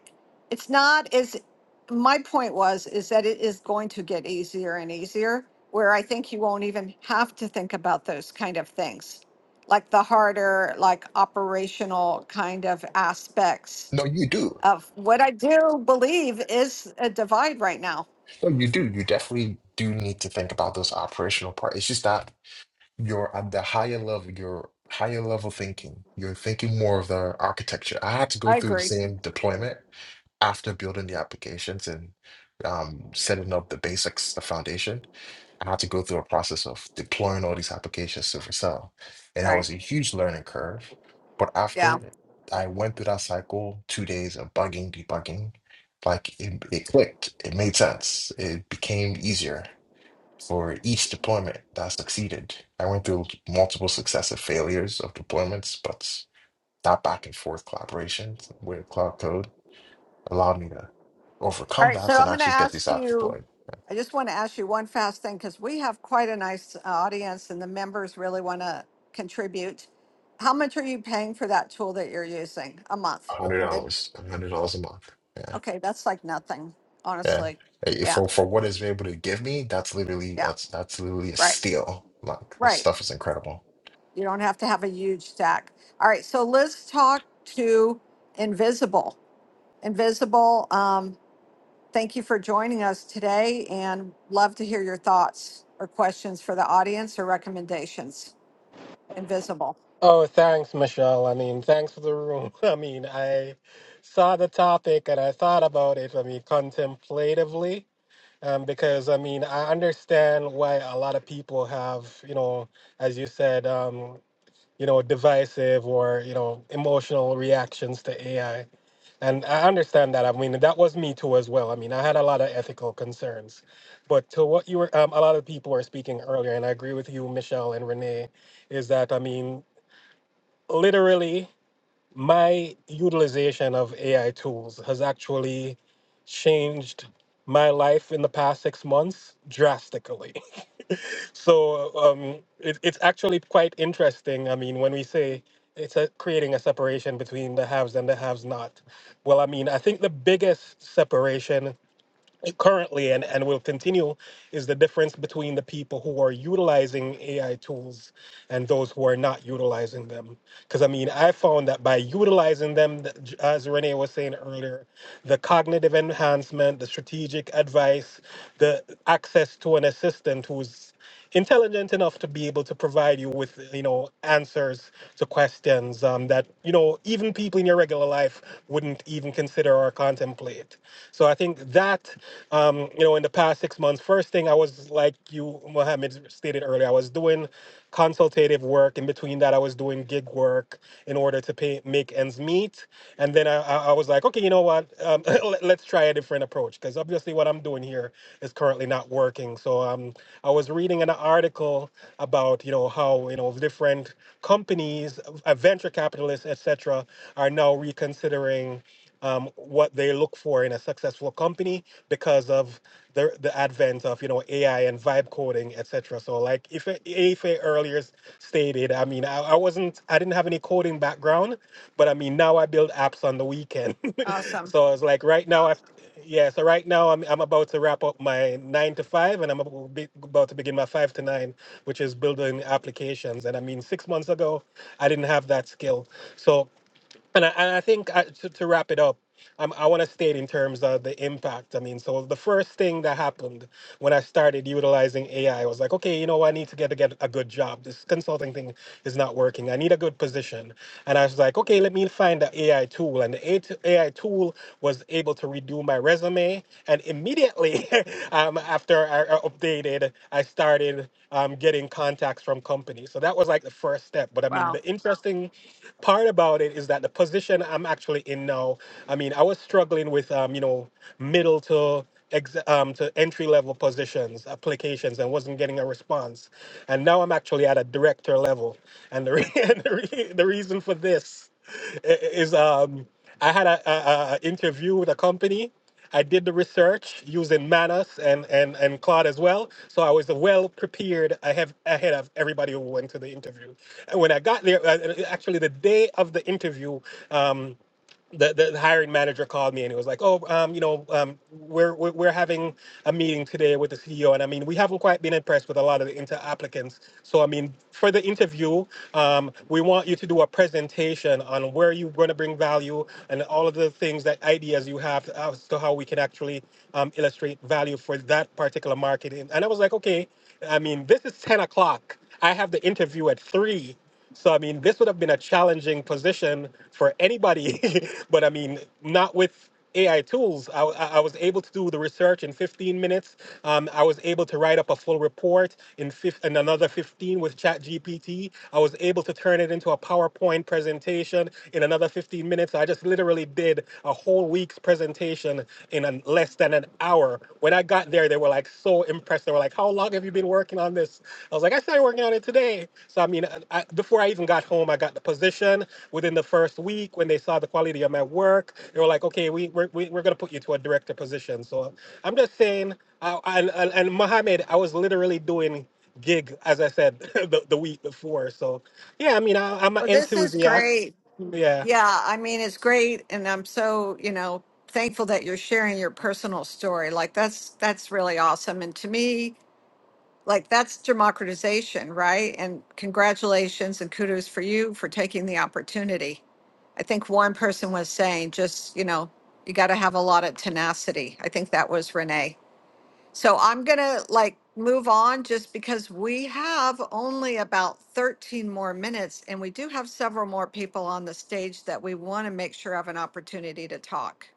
it's not as my point was is that it is going to get easier and easier where I think you won't even have to think about those kind of things. Like the harder, like operational kind of aspects No, you do. of what I do believe is a divide right now. No, you do. You definitely do need to think about those operational part. It's just that you're at the higher level, you're higher level thinking. You're thinking more of the architecture. I had to go I through the agree. same deployment after building the applications and um, setting up the basics, the foundation. I had to go through a process of deploying all these applications to Vercel. And that was Right. a huge learning curve. But Yeah. after I went through that cycle, two days of bugging, debugging, like it, it clicked. It made sense. It became easier for each deployment that succeeded. I went through multiple successive failures of deployments, but that back and forth collaboration with Cloud Code allowed me to All overcome right, that so I'm and going to actually get these ask apps you, deployed. I just want to ask you one fast thing because we have quite a nice uh, audience and the members really want to contribute. How much are you paying for that tool that you're using a month? And then, $100, $100 a month. Yeah. okay, that's like nothing, Yeah. honestly. Eh, Yeah, For for what he's been able to give me, that's literally yeah, that's that's literally a right, steal. Like this right. stuff is incredible. You don't have to have a huge stack. All right, so let's talk to Invisible. Invisible. Um, Thank you for joining us today and love to hear your thoughts or questions for the audience or recommendations. Invisible. Oh, thanks, Michelle. I mean, thanks for the room. *laughs* I mean, I saw the topic and I thought about it, I mean, contemplatively, um, because I mean, I understand why a lot of people have, you know, as you said, um, you know, divisive or, you know, emotional reactions to AI. And I understand that. I mean, that was me too as well. I mean, I had a lot of ethical concerns. But to what you were, um, a lot of people were speaking earlier, and I agree with you, Michelle and Renee, is that, I mean, literally my utilization of AI tools has actually changed my life in the past six months drastically. *laughs* So um, it, it's actually quite interesting. I mean, when we say it's a, creating a separation between the haves and the haves not, well, I mean, I think the biggest separation currently and, and will continue is the difference between the people who are utilizing AI tools and those who are not utilizing them because I mean, I found that by utilizing them, th- j- as Renee was saying earlier, the cognitive enhancement, the strategic advice, the access to an assistant who's intelligent enough to be able to provide you with you know answers to questions um, that you know even people in your regular life wouldn't even consider or contemplate so i think that um, you know in the past six months first thing i was like you mohammed stated earlier i was doing consultative work. In between that, I was doing gig work in order to pay, make ends meet. And then I, I I was like, okay, you know what? Um, *laughs* let, let's try a different approach because obviously what I'm doing here is currently not working. So um, I was reading an article about you know how you know different companies, uh, venture capitalists, etc., are now reconsidering um, what they look for in a successful company because of the, the advent of you know AI and vibe coding, etc. So like if if I earlier stated, I mean I, I wasn't I didn't have any coding background, but I mean now I build apps on the weekend. *laughs* Awesome. so it's like right now I yeah so right now I'm I'm about to wrap up my nine to five and I'm about be- about to begin my five to nine, which is building applications. And I mean six months ago I didn't have that skill. So and I, and I think uh to, to wrap it up, um, I want to state in terms of the impact. I mean, so the first thing that happened when I started utilizing AI, was like, okay, you know, I need to get to get a good job. This consulting thing is not working. I need a good position. And I was like, okay, let me find the AI tool. And the AI tool was able to redo my resume. And immediately immediately *laughs* um, after I I updated, I started um, getting contacts from companies. So that was like the first step. But I mean, Wow. the interesting part about it is that the position I'm actually in now, I mean, I was struggling with, um, you know, middle to ex- um, to entry level positions, applications, and wasn't getting a response. And now I'm actually at a director level. And the, re- *laughs* and the, re- the reason for this i- i- is um, I had a, a, a a interview with a company I did the research using Manus and, and, and Claude as well. So I was well prepared ahead, ahead of everybody who went to the interview. And when I got there, uh, uh, actually the day of the interview, um, the, the hiring manager called me and it was like, oh, um, you know, um, we're, we're we're having a meeting today with the CEO, and I mean, we haven't quite been impressed with a lot of the inter applicants. So I mean, for the interview, um, we want you to do a presentation on where you're going to bring value and all of the things that ideas you have as to how we can actually um, illustrate value for that particular market. And and I was like, okay, I mean, this is ten o'clock. I have the interview at three. So I mean, this would have been a challenging position for anybody, *laughs* but I mean, not with AI tools. I, I I was able to do the research in 15 minutes. Um, I was able to write up a full report in, fif- in another 15 with ChatGPT. I was able to turn it into a PowerPoint presentation in another 15 minutes. I just literally did a whole week's presentation in an, less than an hour when I got there, they were like so impressed. They were like, "How long have you been working on this?" I was like, "I started working on it today." So I mean, uh, I, before I even got home, I got the position. Within the first week, when they saw the quality of my work, they were like, "Okay, we we're, we- we're gonna put you to a director position." So I'm just saying, I, and, and and Mohammed, I was literally doing gig as I said *laughs* the, the week before. So yeah, I mean, I, I'm an Well, this is enthusiast. great. Yeah. Yeah, I mean, it's great. And I'm so, you know, thankful that you're sharing your personal story. Like that's that's really awesome. And to me, like that's democratization, right? And congratulations and kudos for you for taking the opportunity. I think one person was saying just, you know, you got to have a lot of tenacity. I think that was Renee. So I'm going to like move on just because we have only about 13 more minutes and we do have several more people on the stage that we want to make sure have an opportunity to talk.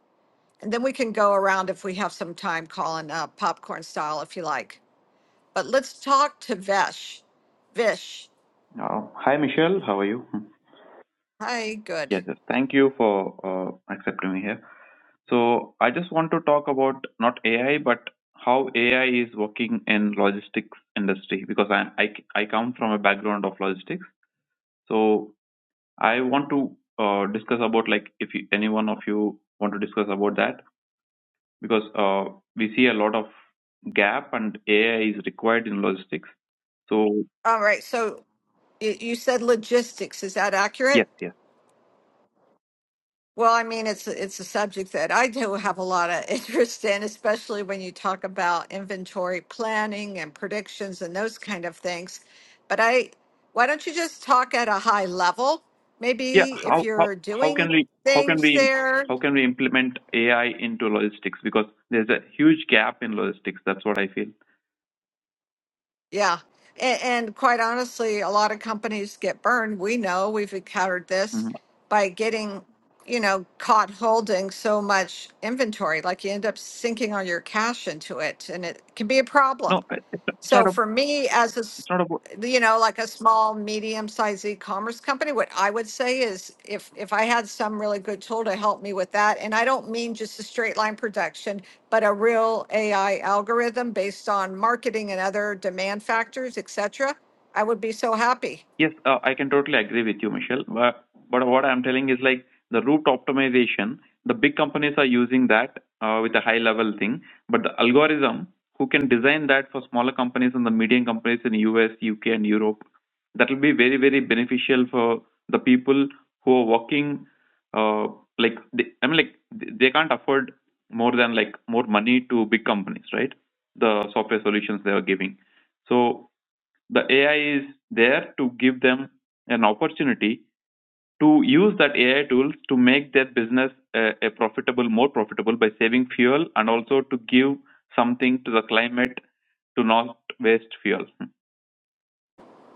And then we can go around if we have some time calling uh, popcorn style if you like. But let's talk to Vesh. Vish. Uh, hi, Michelle. How are you? Hmm. Hi, good. Yes, yes. Thank you for uh, accepting me here. So, I just want to talk about not AI, but how AI is working in logistics industry because I I, I come from a background of logistics. So, I want to uh, discuss about like if you, any one of you want to discuss about that because uh, we see a lot of gap and AI is required in logistics. So, All right. So you, you said logistics. Is that accurate? yes, yes. Well, I mean, it's it's a subject that I do have a lot of *laughs* interest in, especially when you talk about inventory planning and predictions and those kind of things. But I, why don't you just talk at a high level? Yeah. Maybe if How how you're how can doing we how can things we there. how can we implement AI into logistics? Because there's a huge gap in logistics. That's what I feel. Yeah. And, and quite honestly, a lot of companies get burned. We know we've encountered this hmm by getting, you know, caught holding so much inventory. Like you end up sinking all your cash into it, and it can be a No, problem. it- it's not- it's So not a for me, as a, s- it's not about you know, like a small, medium-sized e-commerce company, what I would say is if, if I had some really good tool to help me with that, and I don't mean just a straight line production, but a real AI algorithm based on marketing and other demand factors, et cetera, I would be so happy. Yes, uh, I can totally agree with you, Michelle. But, but what I'm telling is like the route optimization, the big companies are using that uh, with a high level thing. But the algorithm, who can design that for smaller companies and the medium companies in US, UK, and Europe, that will be very, very beneficial for the people who are working. Uh, like they, I mean, like they they can't afford more than like more money to big companies, right? The software solutions they are giving. So the AI is there to give them an opportunity to use that AI tools to make their business uh, a profitable, more profitable by saving fuel and also to give something to the climate to not waste fuel. Hmm.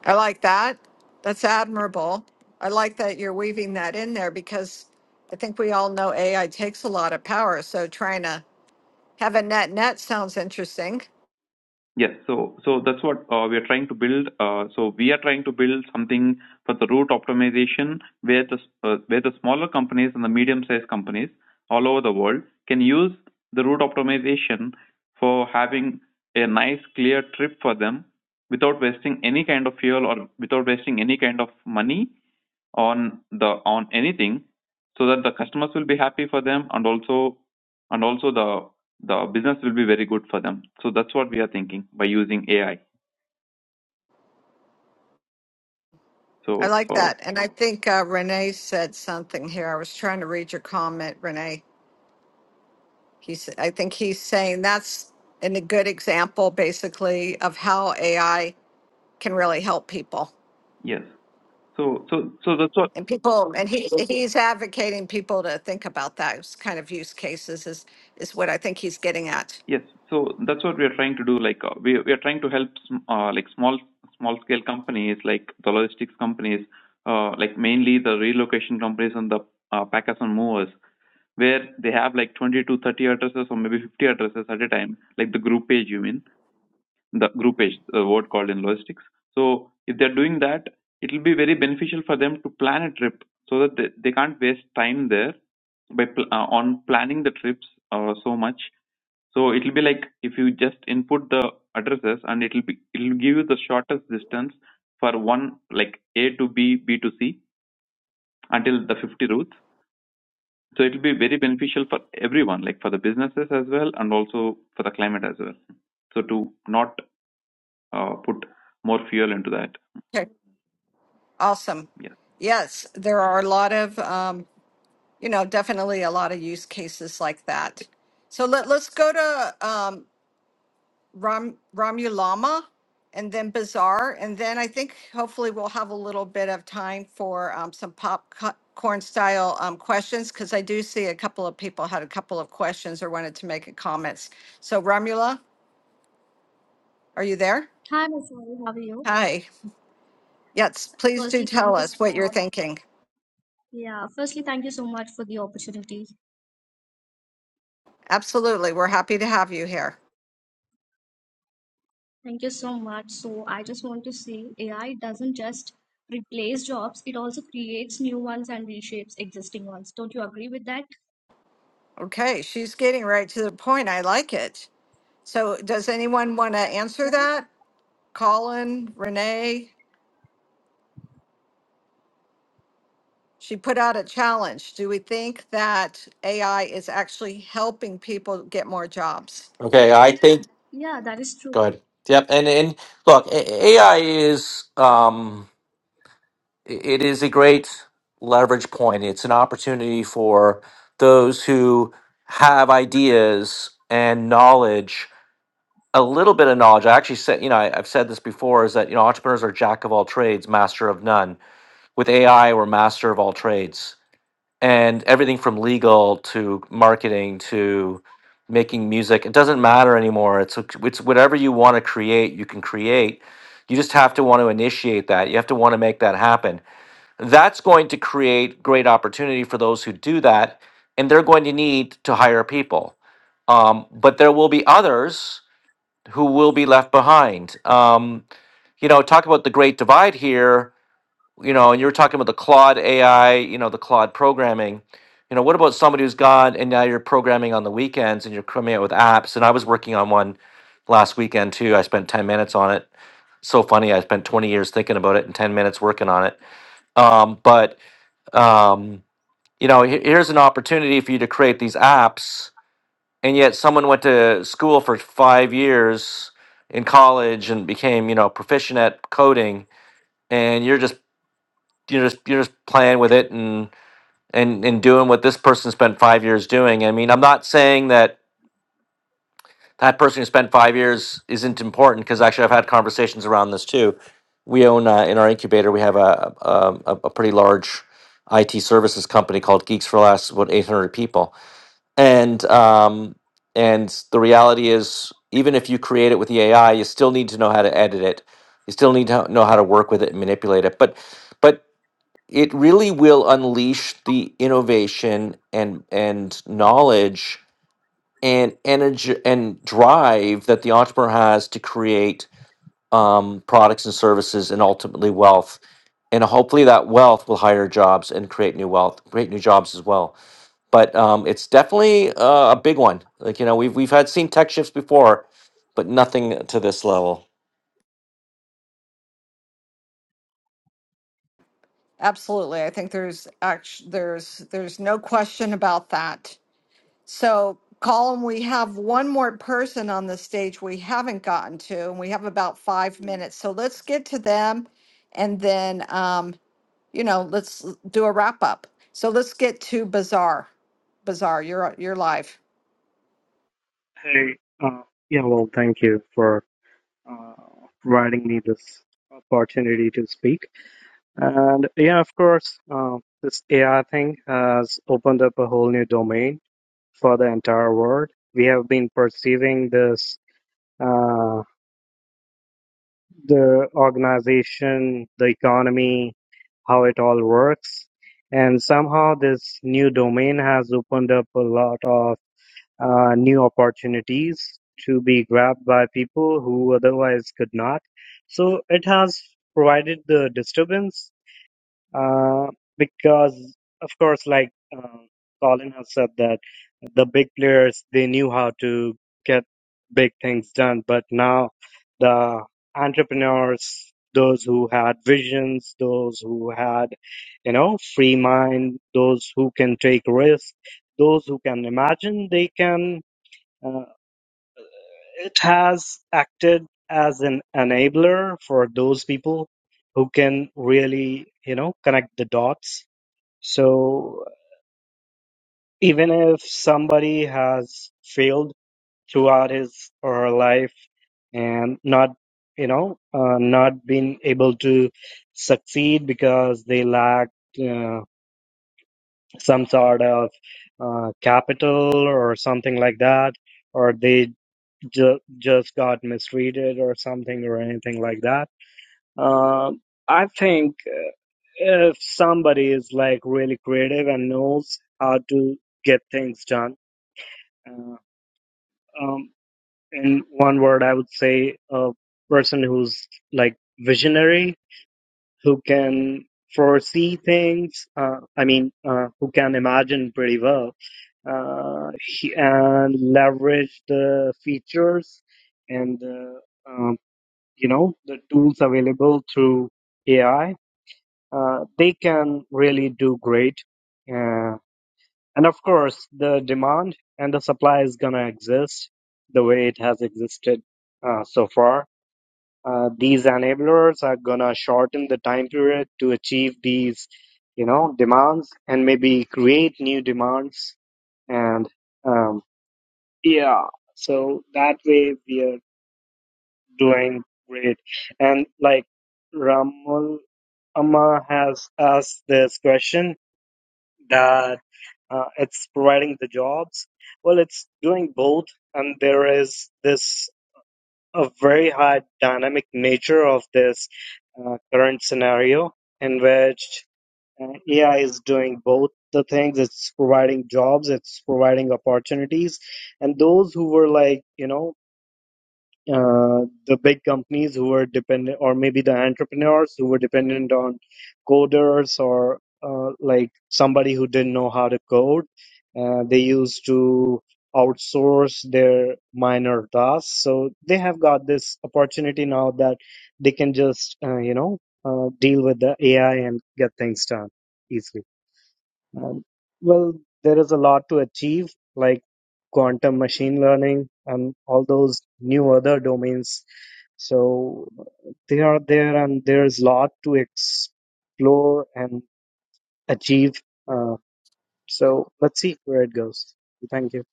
I like that. That's admirable. I like that you're weaving that in there because I think we all know AI takes a lot of power. So trying to have a net net sounds interesting. Yes. So so that's what uh, we are trying to build. Uh, So we are trying to build something for the route optimization where the s- uh, where the smaller companies and the medium-sized companies all over the world can use the route optimization for having a nice, clear trip for them without wasting any kind of fuel or without wasting any kind of money on the on anything so that the customers will be happy for them and also and also the the business will be very good for them so that's what we are thinking by using ai I so like uh, that. And I think uh, Renee said something here. I was trying to read your comment, Renee. He's, I think he's saying that's an, a good example, basically, of how AI can really help people. yes so so so that's what And people, and he, he's advocating people to think about those kind of use cases is, is what I think he's getting at. Yes. So that's what we are trying to do. Like uh, we we are trying to help sm- uh, like small small scale companies, like the logistics companies, uh, like mainly the relocation companies and the uh, packers and movers, where they have like 20 to 30 addresses or maybe 50 addresses at a time, like the group page. You mean the group page, the word called in logistics. So if they're doing that, it will be very beneficial for them to plan a trip so that they, they can't waste time there by pl- uh, on planning the trips uh, so much so it will be like if you just input the addresses and it will be it will give you the shortest distance for one like A to B, B to C until the 50 routes. So it will be very beneficial for everyone, like for the businesses as well and also for the climate as well. So to not uh, put more fuel into that. Okay. Awesome. yes. Yes, there are a lot of, um, you know, definitely a lot of use cases like that. So let, let's go to um, Ram Ramulama and then Bazaar. And then I think hopefully we'll have a little bit of time for um, some popcorn style um, questions because I do see a couple of people had a couple of questions or wanted to make a comments. So Ramula, are you there? Hi, Masari, how are you? Hi. Yes, please do Firstly, tell thank you so us what you're much. thinking. Yeah, firstly, thank you so much for the opportunity. Absolutely. We're happy to have you here. Thank you so much. So, I just want to say AI doesn't just replace jobs, it also creates new ones and reshapes existing ones. Don't you agree with that? Okay, she's getting right to the point. I like it. So does anyone want to answer Right? that? Colin, Renee? She put out a challenge. Do we think that AI is actually helping people get more jobs? Okay, I think Yeah, that is true. go ahead yep and and look A- ai is um it is a great leverage point it's an opportunity for those who have ideas and knowledge a little bit of knowledge i actually said you know I, i've said this before is that you know entrepreneurs are jack of all trades master of none with ai we're master of all trades and everything from legal to marketing to making music it doesn't matter anymore it's it's whatever you want to create you can create you just have to want to initiate that you have to want to make that happen that's going to create great opportunity for those who do that and they're going to need to hire people um, but there will be others who will be left behind um, you know talk about the great divide here you know, and you were talking about the Claude AI, you know, the Claude programming. You know, what about somebody who's gone and now you're programming on the weekends and you're coming out with apps? And I was working on one last weekend too. I spent 10 minutes on it. So funny. I spent 20 years thinking about it and 10 minutes working on it. Um, but, um, you know, he- here's an opportunity for you to create these apps. And yet someone went to school for five years in college and became, you know, proficient at coding And you're just you're just you're just playing with it and and and doing what this person spent five years doing. I mean, I'm not saying that that person who spent five years isn't important because actually I've had conversations around this too. We own uh, in our incubator we have a, a a a pretty large IT services company called Geeks for Less, about 800 people, and um and the reality is even if you create it with the AI, you still need to know how to edit it. You still need to know how to work with it and manipulate it. But it really will unleash the innovation and and knowledge and energy and drive that the entrepreneur has to create um, products and services and ultimately wealth and hopefully that wealth will hire jobs and create new wealth create new jobs as well but um, it's definitely uh, a big one like you know we've we've had seen tech shifts before but nothing to this level Absolutely. I think there's actually there's there's no question about that. So, Colin, we have one more person on the stage we haven't gotten to, and we have about five minutes. So let's get to them, and then um, you know let's l- do a wrap up. So let's get to Bazaar. Bazaar, you're you're live. Hey, uh, yeah, well, thank you for uh, providing me this opportunity to speak. And yeah, of course, uh, this AI thing has opened up a whole new domain for the entire world. We have been perceiving this, uh, the organization, the economy, how it all works. And somehow this new domain has opened up a lot of uh, new opportunities to be grabbed by people who otherwise could not. So it has provided the disturbance uh, because, of course, like uh, Colin has said, that the big players they knew how to get big things done, but now the entrepreneurs. Those who had visions, those who had, you know, free mind, those who can take risks, those who can imagine, they can uh, it has acted as an enabler for those people who can really, you know, connect the dots. So even if somebody has failed throughout his or her life and not, you know, uh, not been able to succeed because they lacked uh, some sort of uh, capital or something like that, or they ju- just got mistreated or something or anything like that. Um, I think uh, if somebody is like really creative and knows how to get things done, uh, um, in one word, I would say a person who's like visionary, who can foresee things. Uh, I mean, uh, who can imagine pretty well. Uh, he- and leverage the features and the um, you know the tools available through AI, uh, they can really do great. Uh, and of course, the demand and the supply is gonna exist the way it has existed uh, so far. Uh, these enablers are gonna shorten the time period to achieve these, you know, demands and maybe create new demands. And um, yeah, so that way we are doing great. And like Ramul Amma has asked this question that uh, it's providing the jobs. Well, it's doing both, and there is this a very high dynamic nature of this uh, current scenario in which uh, AI is doing both the things. It's providing jobs, it's providing opportunities, and those who were like you know uh, the big companies who were dependent, or maybe the entrepreneurs who were dependent on coders or uh, like somebody who didn't know how to code. Uh, they used to outsource their minor tasks. So they have got this opportunity now that they can just, uh, you know, uh, deal with the AI and get things done easily. Um, well, there is a lot to achieve, like quantum machine learning and all those new other domains. So they are there, and there's a lot to explore and achieve. Uh, so let's see where it goes. Thank you.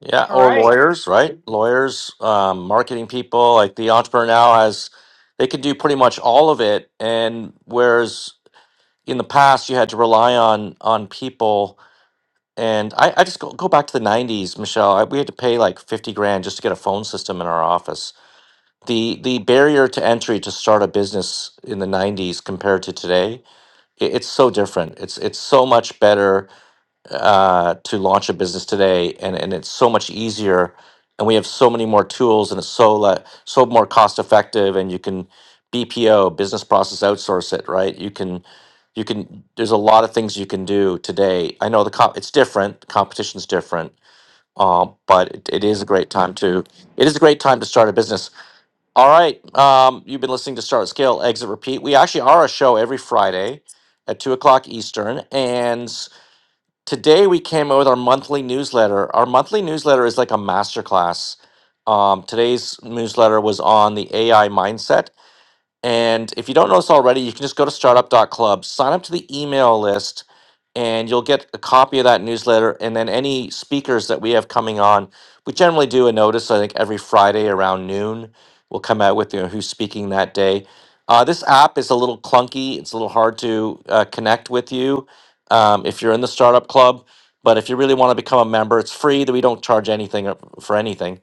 Yeah, All or right. lawyers, right? Lawyers, um, marketing people, like the entrepreneur now has, they can do pretty much all of it. And whereas in the past you had to rely on on people, and I, I just go, go back to the 90s, Michelle. I, we had to pay like 50 grand just to get a phone system in our office. The the barrier to entry to start a business in the 90s compared to today, it, it's so different. It's it's so much better uh, to launch a business today, and and it's so much easier, and we have so many more tools, and it's so le- so more cost effective, and you can BPO business process outsource it, right? You can you can there's a lot of things you can do today. I know the comp it's different, competition's different, um, but it, it is a great time to it is a great time to start a business. All right, um, you've been listening to Start Scale Exit Repeat. We actually are a show every Friday at two o'clock Eastern, and Today we came out with our monthly newsletter. Our monthly newsletter is like a masterclass. Um, today's newsletter was on the AI mindset. And if you don't know this already, you can just go to Startup dot Club, sign up to the email list, and you'll get a copy of that newsletter. And then any speakers that we have coming on, we generally do a notice, I think every Friday around noon, we'll come out with you know, who's speaking that day. Uh, this app is a little clunky, it's a little hard to uh, connect with you um, if you're in the startup club. But if you really want to become a member, it's free that we don't charge anything uh, for anything.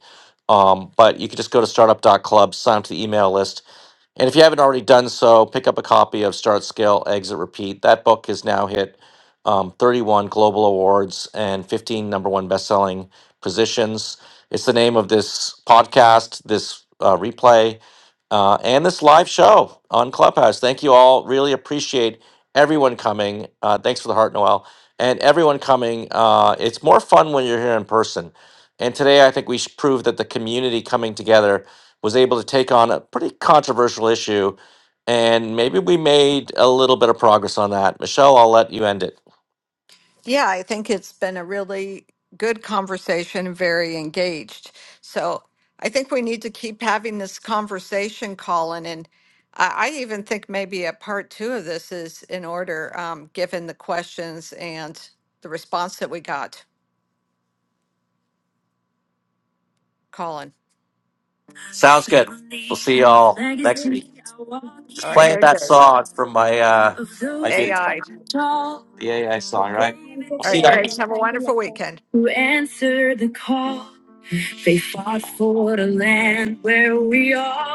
Um, but you can just go to Startup dot Club, sign up to the email list and if you haven't already done so, pick up a copy of Start, Scale, Exit, Repeat. That book has now hit um, 31 global awards and 15 number one best-selling positions. It's the name of this podcast, this uh, replay, uh, and this live show on Clubhouse. Thank you all. Really appreciate everyone coming. Uh, thanks for the heart, Noel, and everyone coming. Uh, it's more fun when you're here in person. And today, I think we should prove that the community coming together was able to take on a pretty controversial issue, and maybe we made a little bit of progress on that. Michelle, I'll let you end it. Yeah, I think it's been a really good conversation, very engaged. So I think we need to keep having this conversation, Colin. And I, I even think maybe a part two of this is in order, um, given the questions and the response that we got, Colin. Sounds good. We'll see y'all next week. Just All right, here playing it that goes. song from my uh my video, AI. the AI song, right? Thank you, We'll All right, see you y'all. guys Colin. next have week. a Thank you, wonderful Masari. weekend. Who answered the call? They fought for the land where we are.